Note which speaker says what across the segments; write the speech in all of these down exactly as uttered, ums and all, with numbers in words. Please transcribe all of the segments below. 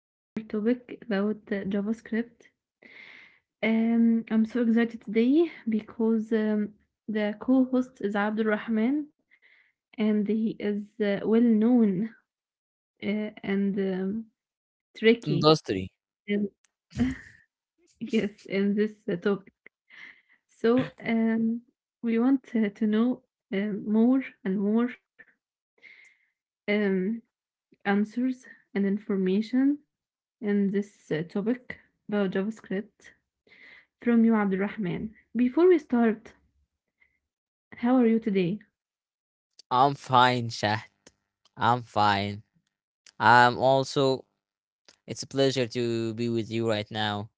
Speaker 1: in our topic about uh, JavaScript. Um, I'm so excited today because um, the co-host is Abdul Rahman and he is uh, well known uh, and um, tricky.
Speaker 2: Industry.
Speaker 1: And yes, in this uh, topic. So um, we want uh, to know um, more and more. Um, Answers and information in this uh, topic about JavaScript from you, Abdulrahman. Before we start, how are you today?
Speaker 2: I'm fine, Shahd. I'm fine. I'm also, it's a pleasure to be with you right now.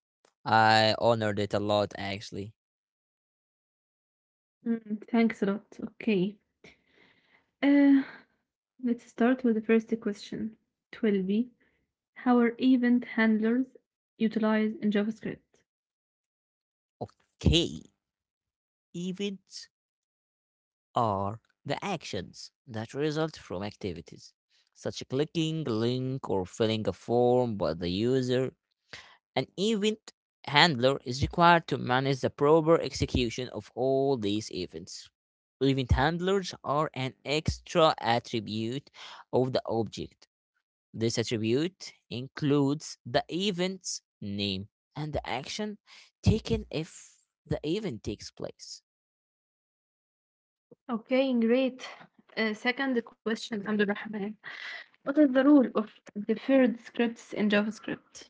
Speaker 2: I honored it a lot, actually.
Speaker 1: Mm, thanks a lot. Okay. Uh, let's start with the first question. twelve b. How are event handlers utilized in JavaScript?
Speaker 2: Okay, events are the actions that result from activities, such as clicking a link or filling a form by the user. An event handler is required to manage the proper execution of all these events. Event handlers are an extra attribute of the object. This attribute includes the event's name and the action taken if the event takes place.
Speaker 1: Okay, great. Uh, second question, Abdulrahman. What is the role of deferred scripts in JavaScript?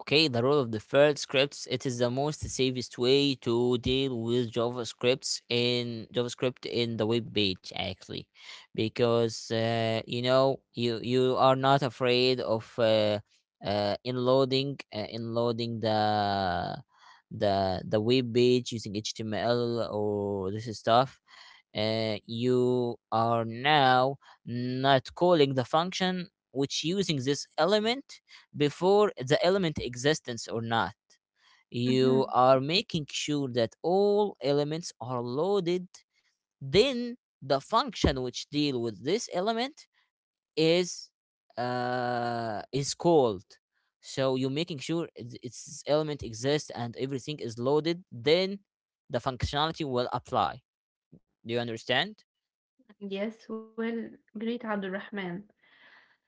Speaker 2: Okay, the role of deferred scripts, it is the most safest way to deal with JavaScripts in JavaScript in the web page actually, because uh, you know you you are not afraid of uh, uh, inloading uh, inloading the the the web page using H T M L or this stuff. Uh, you are now not calling the function which using this element before the element existence or not.
Speaker 1: Mm-hmm.
Speaker 2: You are making sure that all elements are loaded. Then the function which deal with this element is uh, is called. So you're making sure its, element exists and everything is loaded. Then the functionality will apply. Do you understand?
Speaker 1: Yes, well, great, Abdulrahman.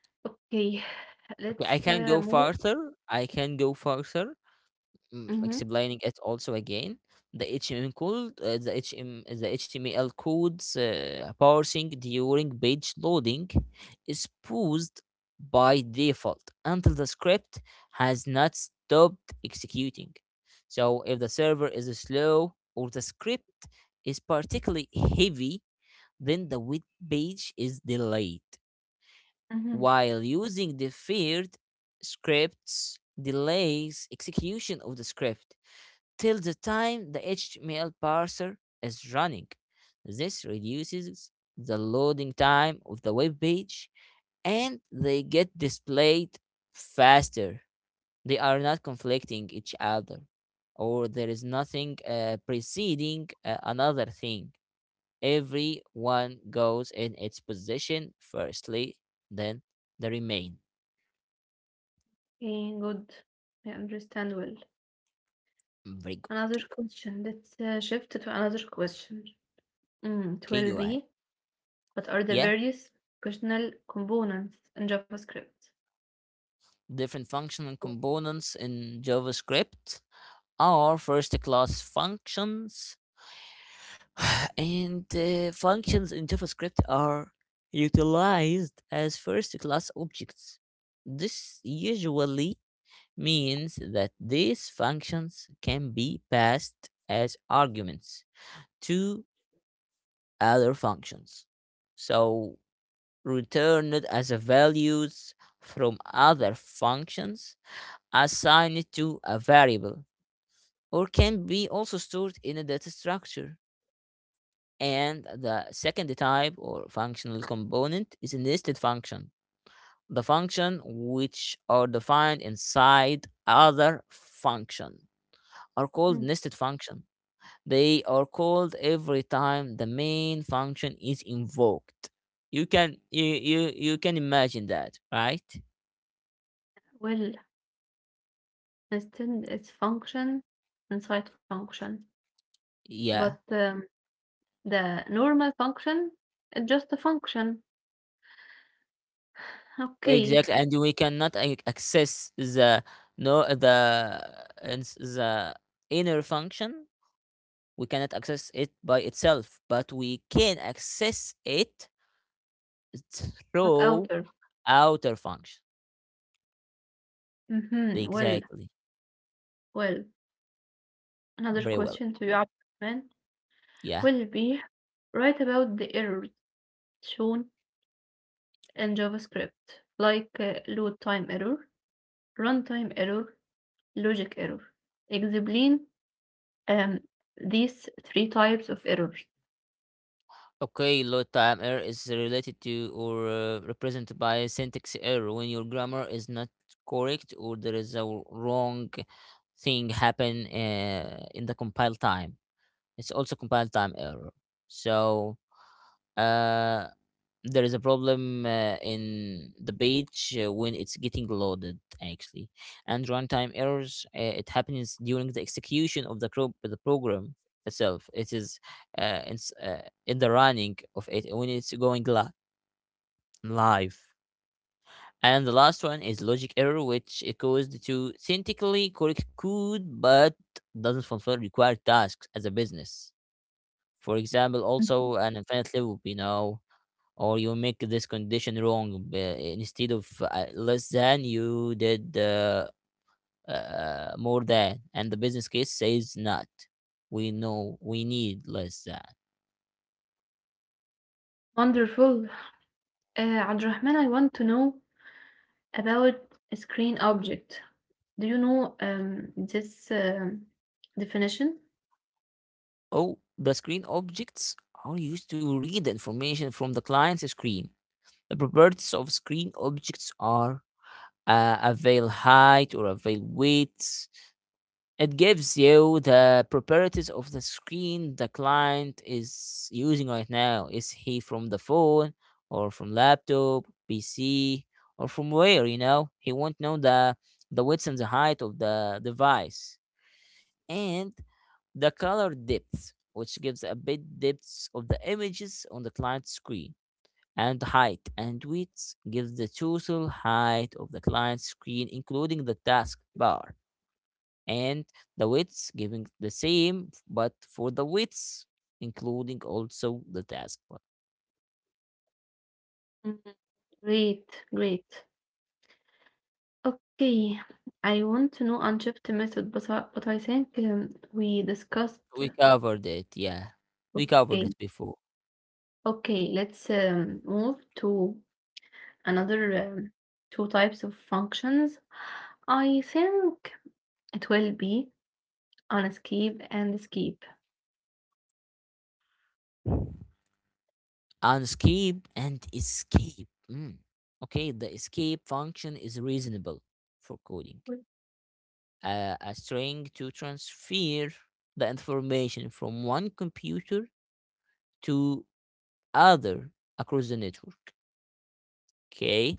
Speaker 1: Okay,
Speaker 2: Okay,
Speaker 1: let's
Speaker 2: I can
Speaker 1: uh,
Speaker 2: go
Speaker 1: move.
Speaker 2: further. I can go further. Mm,
Speaker 1: Mm-hmm,
Speaker 2: explaining it also again the H T M L code uh, the H M, the H T M L codes uh, parsing during page loading is paused by default until the script has not stopped executing. So if the server is slow or the script is particularly heavy, then the web page is delayed
Speaker 1: mm-hmm.
Speaker 2: while using deferred scripts delays execution of the script till the time the H T M L parser is running. This reduces the loading time of the web page and they get displayed faster. They are not conflicting each other or there is nothing uh, preceding uh, another thing. Everyone goes in its position firstly, then the remain.
Speaker 1: Okay, good. I understand well.
Speaker 2: Very good.
Speaker 1: Another question. Let's uh, shift to another question. Mm, it
Speaker 2: Okay,
Speaker 1: will
Speaker 2: go ahead.
Speaker 1: be what are the
Speaker 2: Yeah,
Speaker 1: various functional components in JavaScript?
Speaker 2: different functional components in JavaScript. Our first class functions and uh, functions in JavaScript are utilized as first class objects. This usually means that these functions can be passed as arguments to other functions. So returned as a values from other functions assigned to a variable or can be also stored in a data structure. And the second type or functional component is a nested function, the function which are defined inside other function are called
Speaker 1: Hmm.
Speaker 2: nested function. They are called every time the main function is invoked. You can you you, you can imagine that, right?
Speaker 1: Well, instead it's function inside function,
Speaker 2: Yeah,
Speaker 1: but um, the normal function is just a function. Okay,
Speaker 2: exactly. And we cannot ac- access the no, the ins- the inner function. We cannot access it by itself, but we can access it
Speaker 1: but
Speaker 2: through
Speaker 1: outer.
Speaker 2: outer function.
Speaker 1: Mm-hmm. Well,
Speaker 2: Exactly.
Speaker 1: well, another
Speaker 2: Very well.
Speaker 1: question to you, Abdurrahman.
Speaker 2: Yeah.
Speaker 1: Will be right about the errors shown in JavaScript, like uh, load time error, runtime error, logic error. Explain um, these three types of errors.
Speaker 2: Okay, load time error is related to or uh, represented by a syntax error when your grammar is not correct or there is a wrong thing happen uh, in the compile time. It's also compile time error. So uh there is a problem uh, in the page uh, when it's getting loaded actually. And runtime errors, uh, it happens during the execution of the pro- the program itself. It is uh, in, uh, in the running of it when it's going li- live. And the last one is logic error which it caused to synthetically correct code but doesn't fulfill required tasks as a business, for example,
Speaker 1: Mhm.
Speaker 2: also an infinite loop you know or you make this condition wrong, uh, instead of uh, less than you did, uh, uh, more than, and the business case says not, we know we need less than.
Speaker 1: Wonderful. Uh, Abdulrahman, I want to know about a screen object. Do you know um, this um, definition?
Speaker 2: Oh, the screen objects are used to read information from the client's screen. The properties of screen objects are uh, avail height or avail weights. It gives you the properties of the screen the client is using right now. Is he from the phone or from laptop, P C, or from where? You know, he won't know the the width and the height of the device, and the color depth, which gives a bit depth of the images on the client screen. And height and width gives the total height of the client screen including the taskbar, and the widths giving the same, but for the widths including also the taskbar.
Speaker 1: Mm, great, great. Okay, I want to know Unshift method, but I, but I think um, we discussed.
Speaker 2: We covered it, yeah. We covered it
Speaker 1: Okay,
Speaker 2: before.
Speaker 1: okay, let's um, move to another um, two types of functions. I think it will be unescape and escape.
Speaker 2: Unscape and escape. Mm. Okay, the escape function is reasonable for coding. Uh, a string to transfer the information from one computer to other across the network. Okay,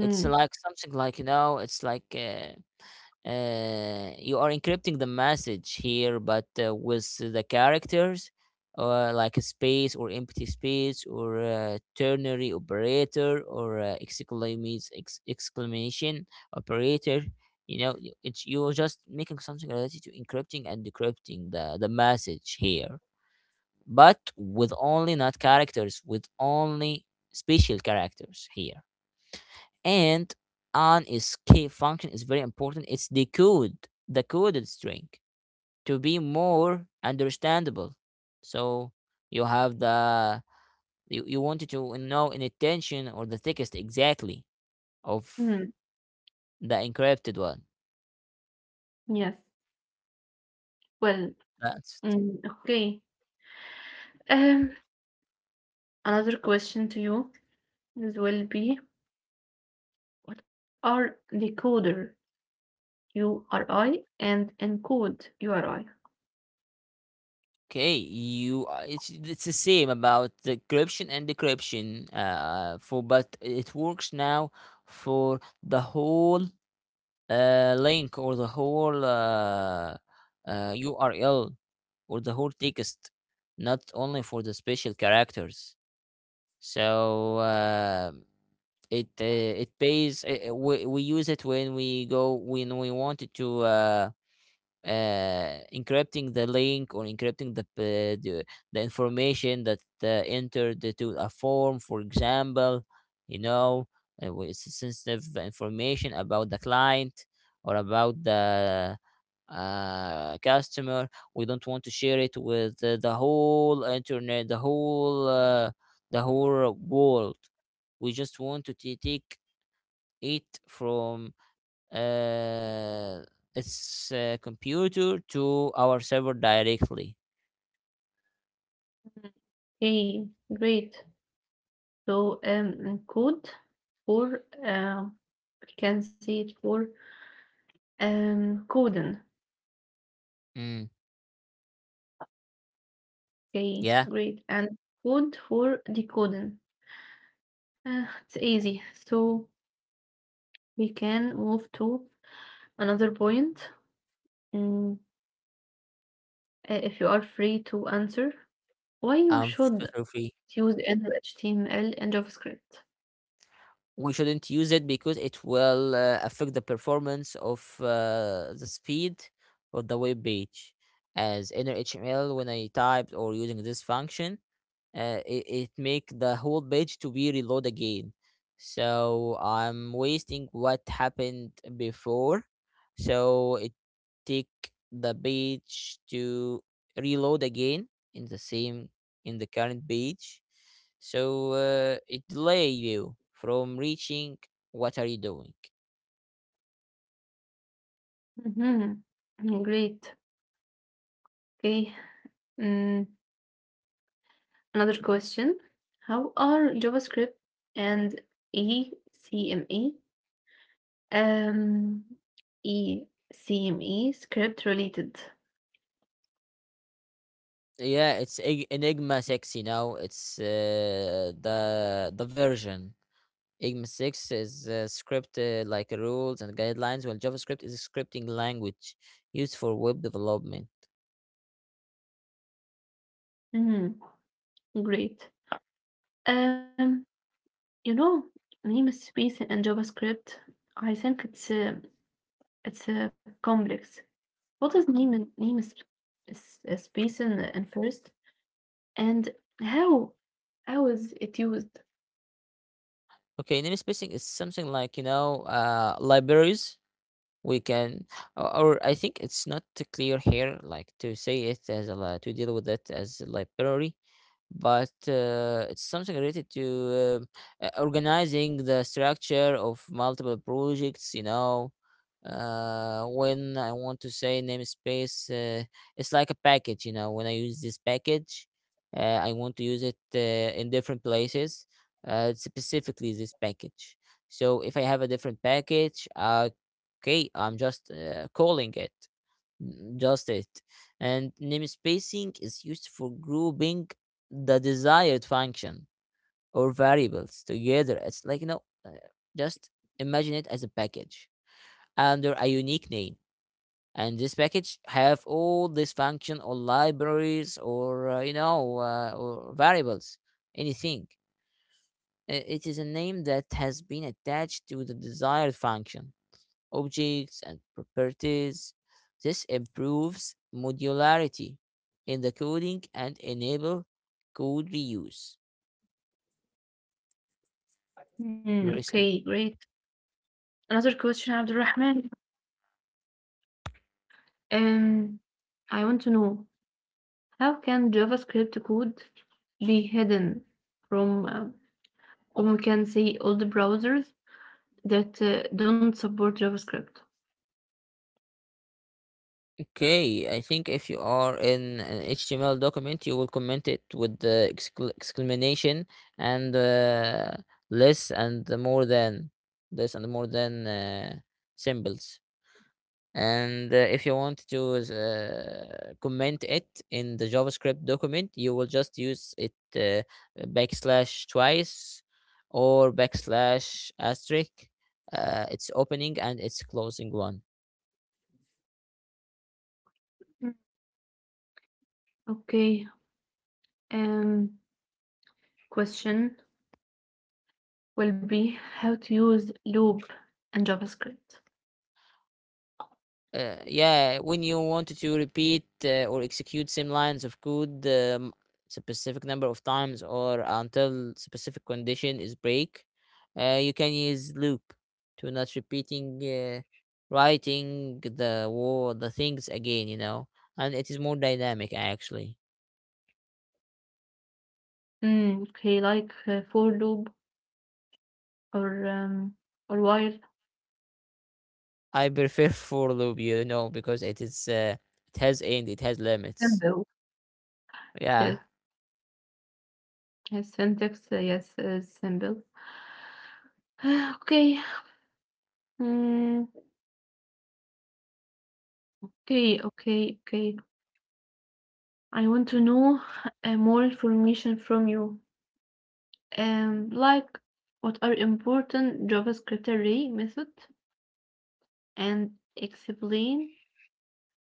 Speaker 2: it's like something like you know, it's like uh, uh, you are encrypting the message here, but uh, with the characters, uh, like a space or empty space or a ternary operator or uh, exclamations ex- exclamation operator. You know, y- it's you're just making something related to encrypting and decrypting the the message here, but with only not characters, with only special characters here. And an escape function is very important. It's decode the coded string to be more understandable. So you have the you, you wanted to know an intention or the thickest exactly of
Speaker 1: mm,
Speaker 2: the encrypted one.
Speaker 1: yes. Well,
Speaker 2: That's
Speaker 1: mm, okay. Um, Another question to you is will be what are decoder U R I and encode U R I?
Speaker 2: okay. You uh, it's it's the same about the encryption and decryption. Uh, for but it works now for the whole uh, link or the whole uh, uh, U R L or the whole text, not only for the special characters. So uh, it uh, it pays. uh, uh, we we use it when we go when we wanted to uh, uh, encrypting the link or encrypting the p- the, the information that uh, entered to a form, for example, you know, uh, wh- sensitive information about the client or about the uh, customer. We don't want to share it with uh, the whole internet, the whole uh, the whole world. We just want to t- take it from uh, its uh, computer to our server directly.
Speaker 1: Okay, great. So um, encode for uh, we can say it for um coding.
Speaker 2: Mm,
Speaker 1: Okay,
Speaker 2: yeah,
Speaker 1: great. And code for decoding. Uh, it's easy. So we can move to another point. Mm, uh, if you are free to answer, why you
Speaker 2: I'm
Speaker 1: should
Speaker 2: feel free.
Speaker 1: use in H T M L and JavaScript.
Speaker 2: We shouldn't use it because it will uh, affect the performance of uh, the speed of the web page. As inner H T M L, when I typed or using this function, uh, it, it make the whole page to be reload again. So I'm wasting what happened before, so it take the page to reload again in the same, in the current page. So uh, it delay you from reaching what are you doing.
Speaker 1: Mhm. Mm, great. Okay. Mm, another question. How are JavaScript and ECMA Um, E C M E script related.
Speaker 2: Yeah, it's Ig- enigma six, you know it's uh, the the version IGMA six is uh, script uh, like rules and guidelines, while JavaScript is a scripting language used for web development.
Speaker 1: Mhm, great. Um, you know, namespace and JavaScript, I think it's a, it's a complex. What is name in name is is is space in, in first and how how is it used?
Speaker 2: Okay, namespacing is something like, you know, uh, libraries. We can, or or I think it's not clear here, like to say it as a, to deal with it as a library. But uh, it's something related to uh, uh, organizing the structure of multiple projects you know uh, When I want to say namespace, uh, it's like a package you know When I use this package, uh, I want to use it uh, in different places, uh, specifically this package. So if I have a different package, uh, okay, I'm just uh, calling it just it. And namespacing is used for grouping the desired function or variables together. It's like, you know, uh, just imagine it as a package under a unique name. And this package have all this function or libraries or, uh, you know, uh, or variables, anything. I- It is a name that has been attached to the desired function objects, and properties. This improves modularity in the coding and enable code reuse.
Speaker 1: Hmm,
Speaker 2: Very simple.
Speaker 1: okay, great. Another question, Abdulrahman. Um, I want to know how can JavaScript code be hidden from uh, or we can say all the browsers that uh, don't support JavaScript?
Speaker 2: Okay, I think if you are in an H T M L document, you will comment it with the excla- exclamation and uh, less and the more than less and more than uh, symbols. And uh, if you want to uh, comment it in the JavaScript document, you will just use it uh, backslash twice or backslash asterisk. Uh, it's opening and it's closing one.
Speaker 1: Mm. Okay. Um, Question will be how to use loop and JavaScript.
Speaker 2: Uh, yeah, when you wanted to repeat uh, or execute same lines of code, um, specific number of times or until specific condition is break, uh, you can use loop to not repeating uh, writing the wo- the things again, you know, and it is more dynamic actually.
Speaker 1: Mm, okay, like uh, for loop or um, or while.
Speaker 2: I prefer for loop, you know, because it is uh, it has end, it has limits.
Speaker 1: Symbol.
Speaker 2: Yeah.
Speaker 1: Yes, yes, syntax. Uh, yes, uh, symbol. Okay. Mm, okay, okay, okay. I want to know uh, more information from you. Um, like what are important JavaScript array method and explain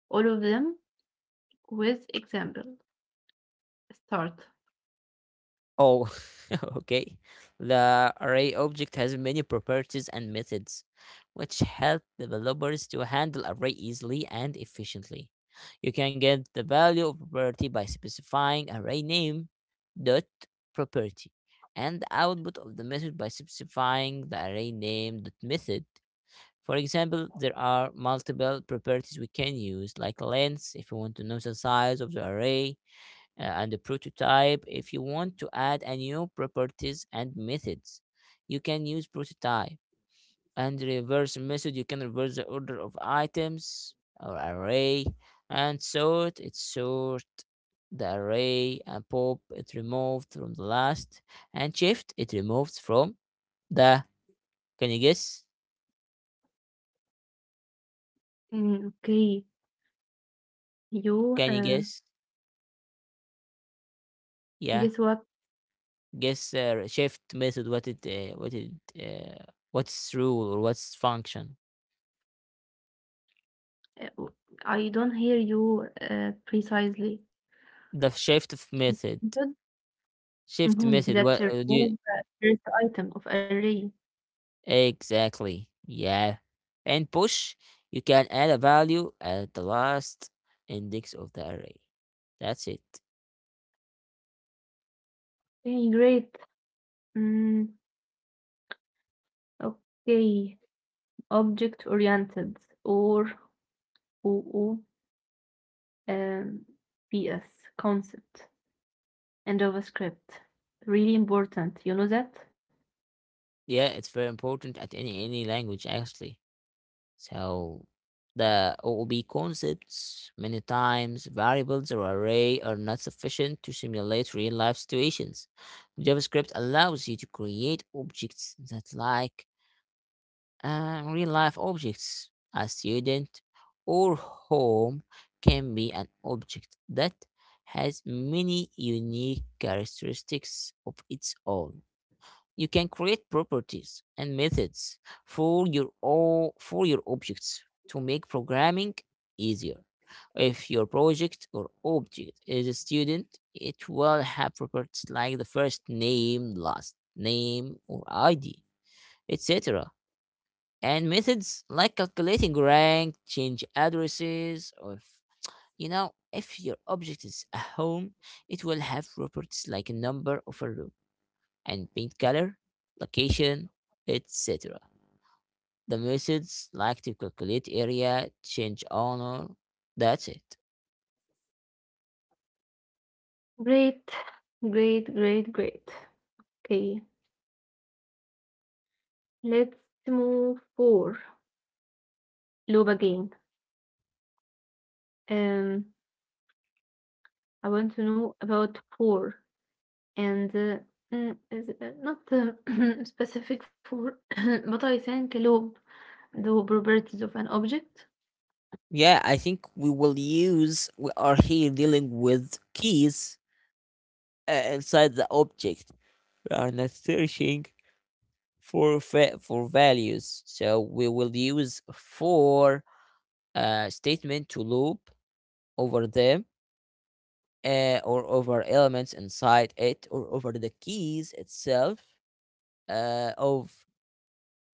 Speaker 1: all of them with example. Start.
Speaker 2: Oh, okay. The array object has many properties and methods, which help developers to handle array easily and efficiently. You can get the value of property by specifying array name dot property, and the output of the method by specifying the array name dot method. For example, there are multiple properties we can use like length if we want to know the size of the array, uh, and the prototype. If you want to add a new properties and methods you can use prototype, and reverse method you can reverse the order of items or array, and sort it sort the array, and pop it removed from the last, and shift it removes from the— can you guess?
Speaker 1: Mm, okay. You
Speaker 2: Can you
Speaker 1: uh,
Speaker 2: guess? Yeah,
Speaker 1: guess what?
Speaker 2: guess uh, shift method, what it uh, what it uh, what's rule or what's function,
Speaker 1: Uh, w- I don't hear you uh, precisely.
Speaker 2: the shift method.
Speaker 1: Good.
Speaker 2: Shift
Speaker 1: Mhm,
Speaker 2: method.
Speaker 1: that
Speaker 2: What uh, do you
Speaker 1: remove the first item of array.
Speaker 2: exactly? Yeah. And push. You can add a value at the last index of the array. That's it.
Speaker 1: Okay, great. Mm, okay. Object oriented or O O um, P S concept and JavaScript. Really important. You know that?
Speaker 2: Yeah, it's very important at any any language actually. So the O O B concepts, many times variables or array are not sufficient to simulate real life situations. JavaScript allows you to create objects that like Uh, real life objects. A student or home can be an object that has many unique characteristics of its own. You can create properties and methods for your o- for your objects to make programming easier. If your project or object is a student, it will have properties like the first name, last name, or I D, et cetera, and methods like calculating rank, change addresses, or, if, you know, if your object is a home, it will have properties like number of a room and paint color, location, et cetera. The methods like to calculate area, change owner. That's it.
Speaker 1: Great, great, great, great. Okay, let's move for loop again. Um, I want to know about for and uh, mm, is uh, not uh, specific for, but I think loop, the properties of an object.
Speaker 2: Yeah, I think we will use, we are here dealing with keys uh, inside the object. We are not searching for fa- for values. So we will use for uh, statement to loop over them, uh, or over elements inside it or over the keys itself uh, of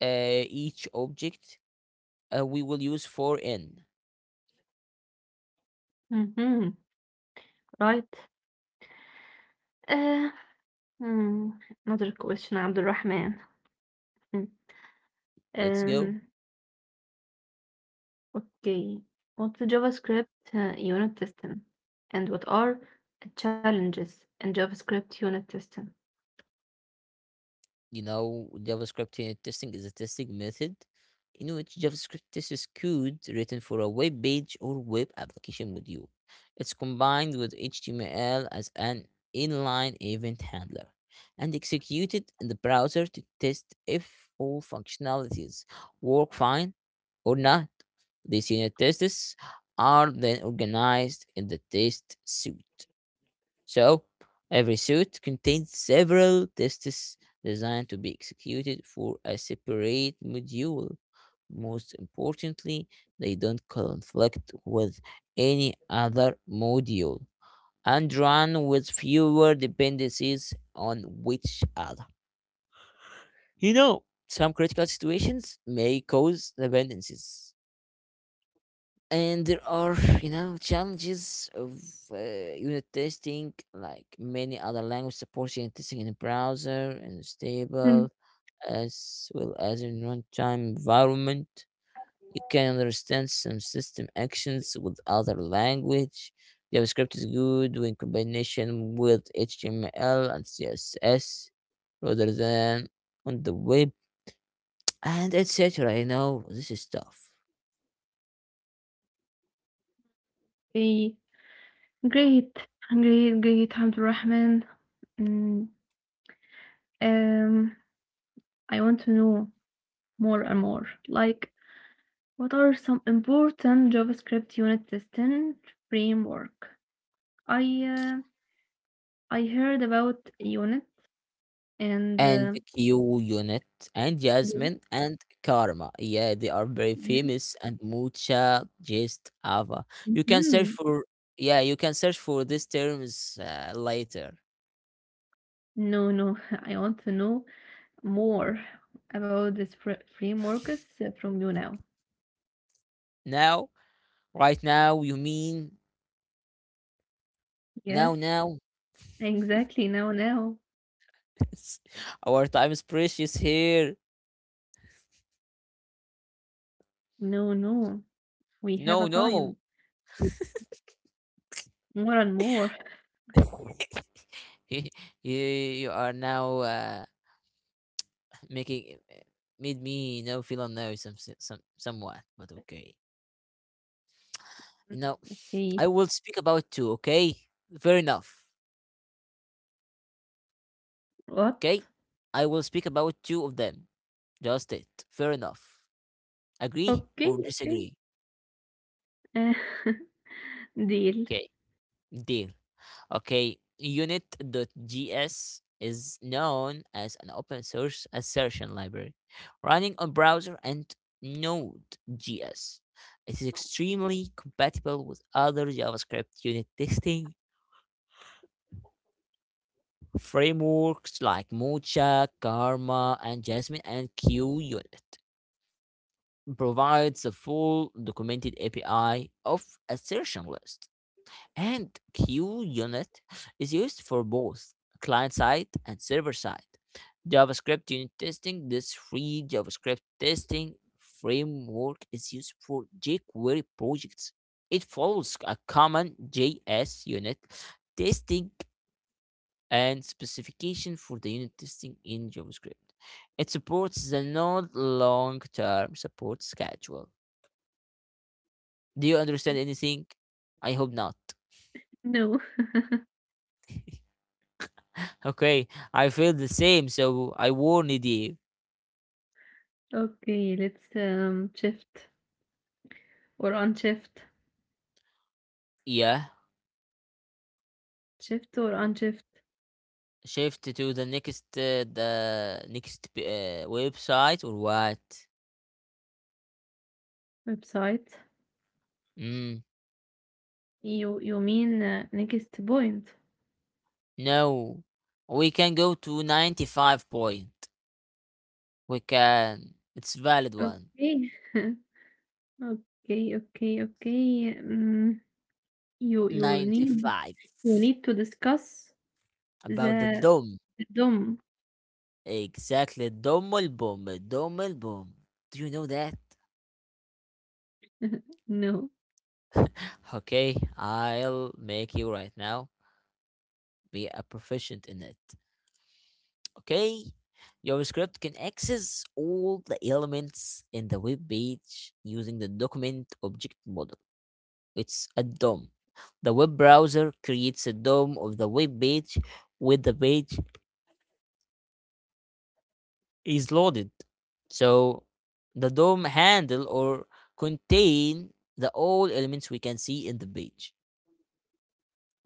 Speaker 2: uh, each object. Uh, we will use for in.
Speaker 1: Hmm. Right. Uh, mm, Another question, Abdulrahman. Mm,
Speaker 2: Let's go.
Speaker 1: um, okay. What's the JavaScript uh, unit testing? And what are challenges in JavaScript unit testing?
Speaker 2: You know, JavaScript unit testing is a testing method in which JavaScript tests code written for a web page or web application module. It's combined with H T M L as an inline event handler and executed in the browser to test if all functionalities work fine or not. These unit tests are then organized in the test suite. So, every suit contains several tests designed to be executed for a separate module. Most importantly, they don't conflict with any other module and run with fewer dependencies on each other. You know, some critical situations may cause dependencies and there are, you know, challenges of uh, unit testing, like many other language support unit testing in a browser and
Speaker 1: Mm,
Speaker 2: stable as well as in runtime environment. You can understand some system actions with other language. JavaScript is good when combination with H T M L and C S S rather than on the web, and et cetera. You know, this is tough.
Speaker 1: okay. Great, great, great, Abdulrahman. Mm, um, I want to know more and more. Like, what are some important JavaScript unit testing framework? I uh, I heard about unit and
Speaker 2: And
Speaker 1: uh,
Speaker 2: Q Unit and
Speaker 1: unit.
Speaker 2: Jasmine and Karma. Yeah, they are very
Speaker 1: Yeah.
Speaker 2: famous, and Mucha Just Ava. You can search
Speaker 1: Mhm.
Speaker 2: for, yeah, you can search for these terms uh, later.
Speaker 1: No, no, I want to know more about this fr- frameworks uh, from you now.
Speaker 2: Now, right now, you mean
Speaker 1: Yes,
Speaker 2: now now?
Speaker 1: exactly. Now, now.
Speaker 2: Our time is precious here.
Speaker 1: No, no, we have
Speaker 2: No,
Speaker 1: a
Speaker 2: no.
Speaker 1: time to more and more.
Speaker 2: you, you are now uh, making made me now feel unknown some some somewhat, but okay. You know,
Speaker 1: Mm,
Speaker 2: I will
Speaker 1: okay,
Speaker 2: speak about two, okay? Fair enough.
Speaker 1: what?
Speaker 2: Okay? I will speak about two of them. Just it. Fair enough. Agree
Speaker 1: Okay,
Speaker 2: or
Speaker 1: okay.
Speaker 2: disagree?
Speaker 1: Uh, deal.
Speaker 2: Okay. Deal. Okay. Unit.js is known as an open source assertion library running on browser and Node.js. It is extremely compatible with other JavaScript unit testing frameworks like Mocha, Karma, and Jasmine, and QUnit provides a full documented A P I of assertion list, and QUnit is used for both client side and server side. JavaScript unit testing, this free JavaScript testing framework is used for jQuery projects. It follows a common J S unit testing and specification for the unit testing in JavaScript. It supports the node long-term support schedule. Do you understand anything? I hope not.
Speaker 1: No.
Speaker 2: Okay, I feel the same, so I warned you.
Speaker 1: Okay, let's um shift or unshift.
Speaker 2: Yeah,
Speaker 1: Shift or unshift
Speaker 2: shift to the next uh, the next uh, website or what?
Speaker 1: website.
Speaker 2: Mm,
Speaker 1: You you mean uh, next point.
Speaker 2: no, we can go to ninety-five point. We can. It's valid one.
Speaker 1: Okay. Okay, okay, okay. Um, you you need
Speaker 2: ninety-five
Speaker 1: you need to discuss
Speaker 2: about the
Speaker 1: the
Speaker 2: D O M.
Speaker 1: the D O M.
Speaker 2: Exactly. Double boom. Double boom. Do you know that?
Speaker 1: No,
Speaker 2: Okay, I'll make you right now be a proficient in it. Okay? Your script can access all the elements in the web page using the document object model. It's a D O M. The web browser creates a D O M of the web page when the page is loaded. So the D O M handle or contain the all elements we can see in the page,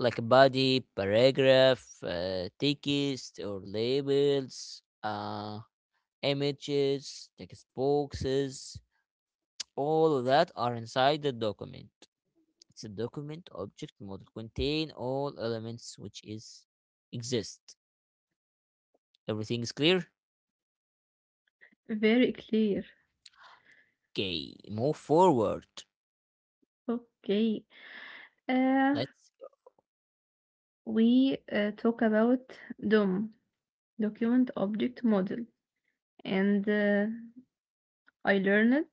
Speaker 2: like a body, paragraph, uh, text or labels, uh, images, text boxes, all of that are inside the document. It's a document object model contain all elements which is exist. Everything is clear?
Speaker 1: very clear.
Speaker 2: Okay, move forward.
Speaker 1: Okay. Uh,
Speaker 2: Let's—
Speaker 1: we uh, talk about D O M, document object model, and uh, I learned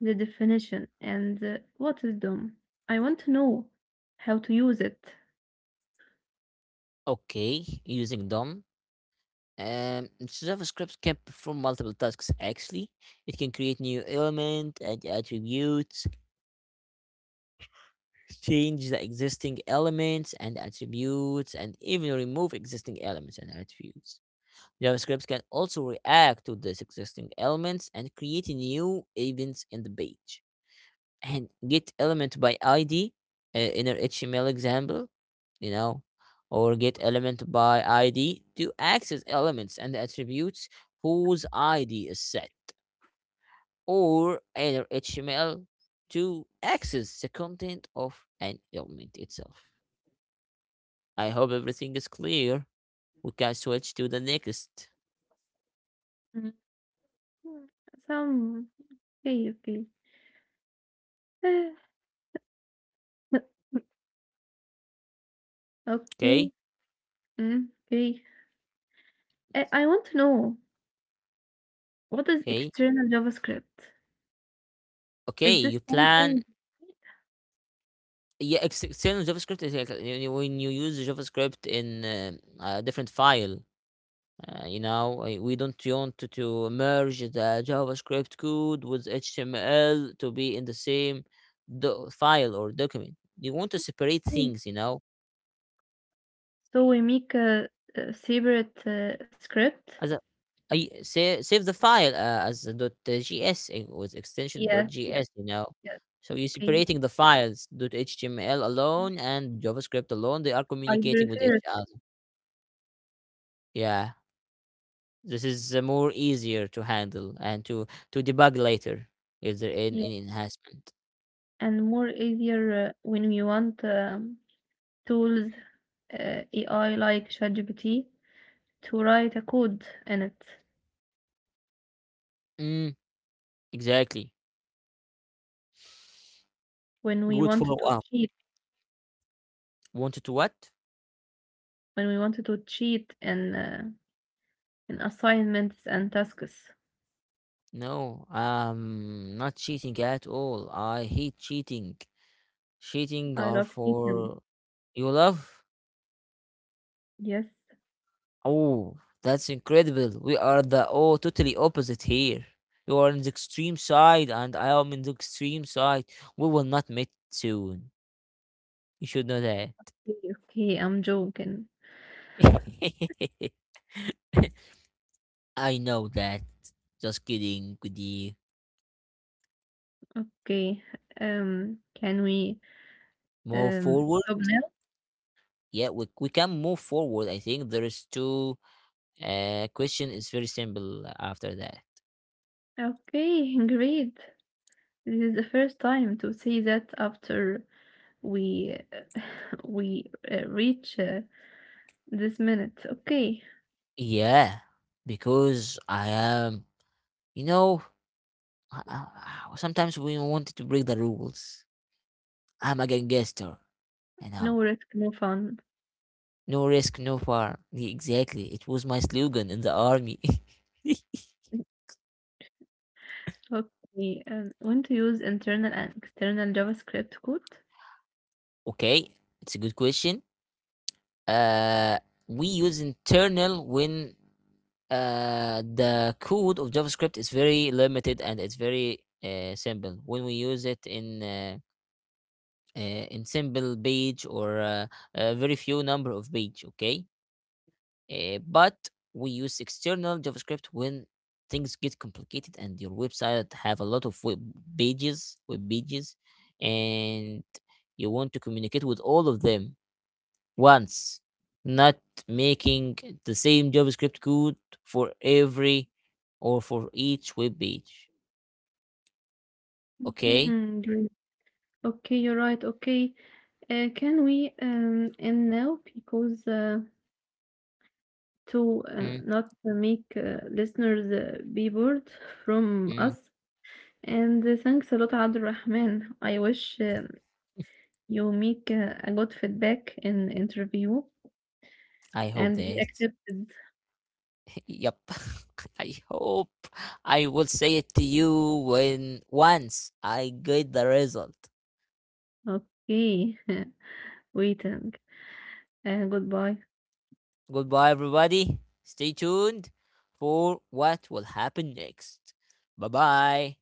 Speaker 1: the definition and uh, what is D O M. I want to know how to use it.
Speaker 2: okay, using D O M. Um, JavaScript can perform multiple tasks actually. It can create new element and attributes, change the existing elements and attributes, and even remove existing elements and attributes. JavaScript can also react to these existing elements and create new events in the page. And get element by I D uh, in our H T M L example, you know, or get element by I D to access elements and attributes whose I D is set, or in our H T M L to access the content of an element itself. I hope everything is clear. We can switch to the next.
Speaker 1: Mm, some okay, okay. Ah,
Speaker 2: Okay,
Speaker 1: okay, mm, okay. I, I want to know what is
Speaker 2: okay,
Speaker 1: external JavaScript?
Speaker 2: okay.
Speaker 1: Is this
Speaker 2: You plan.
Speaker 1: something?
Speaker 2: Yeah, ex- external JavaScript is like, when you use JavaScript in um, a different file. Uh, you know, uh, we don't want to, to merge the JavaScript code with H T M L to be in the same do- file or document. You want to separate
Speaker 1: Okay.
Speaker 2: things, you know,
Speaker 1: So we make a, a separate uh, script.
Speaker 2: as a— I save, save the file uh, as a dot uh, .gs uh, with extension
Speaker 1: Yes,
Speaker 2: dot
Speaker 1: yes,
Speaker 2: .gs, you know.
Speaker 1: yes.
Speaker 2: So you're
Speaker 1: Okay.
Speaker 2: separating the files dot .html alone and JavaScript alone. They are
Speaker 1: I
Speaker 2: communicating with
Speaker 1: prefer
Speaker 2: each
Speaker 1: it.
Speaker 2: other. Yeah, this is uh, more easier to handle and to to debug later if there
Speaker 1: Yeah.
Speaker 2: in any enhancement.
Speaker 1: And more easier uh, when you want. Um, tools, uh, A I like ChatGPT to write a code in it
Speaker 2: Mm, exactly.
Speaker 1: when we
Speaker 2: Good
Speaker 1: wanted
Speaker 2: follow
Speaker 1: to
Speaker 2: up.
Speaker 1: cheat
Speaker 2: Wanted to what?
Speaker 1: when we wanted to cheat in uh, in assignments and tasks.
Speaker 2: No, um, not cheating at all. I hate cheating. Cheating
Speaker 1: I
Speaker 2: are
Speaker 1: love cheating.
Speaker 2: for— you love—
Speaker 1: Yes.
Speaker 2: oh, that's incredible. We are the— oh, totally opposite here. You are on the extreme side and I am in the extreme side. We will not meet soon. You should know that.
Speaker 1: Okay, okay, I'm joking.
Speaker 2: I know that. Just kidding, could you
Speaker 1: Okay. Um, can we
Speaker 2: move
Speaker 1: um
Speaker 2: forward?
Speaker 1: stop now?
Speaker 2: Yeah, we, we can move forward. I think there is two uh question is very simple after that.
Speaker 1: Okay, great. This is the first time to say that after we we uh, reach uh, this minute. Okay.
Speaker 2: Yeah, because I am, you know, I— sometimes we wanted to break the rules. I'm against gesture. And
Speaker 1: No
Speaker 2: how?
Speaker 1: risk, no fun.
Speaker 2: No risk, no far. Yeah, exactly. It was my slogan in the army.
Speaker 1: Okay, and when to use internal and external JavaScript code?
Speaker 2: okay, it's a good question. Uh, we use internal when uh, the code of JavaScript is very limited and it's very uh, simple. When we use it in uh, uh, in simple page or uh, a very few number of page, okay. Uh, but we use external JavaScript when things get complicated and your website have a lot of web pages, web pages, and you want to communicate with all of them once, not making the same JavaScript code for every or for each web page. Okay.
Speaker 1: Mhm, you- Okay, you're right. Okay, uh, can we um end now because uh, to uh, not make uh, listeners uh, be bored from
Speaker 2: Mm-hmm.
Speaker 1: us. And uh, thanks a lot, Abdul Rahman. I wish um you make uh, a good feedback in interview.
Speaker 2: I hope
Speaker 1: And we
Speaker 2: that.
Speaker 1: accepted.
Speaker 2: yep. I hope I will say it to you when once I get the result.
Speaker 1: Okay. Waiting. Uh, goodbye.
Speaker 2: Goodbye, everybody. Stay tuned for what will happen next. Bye bye.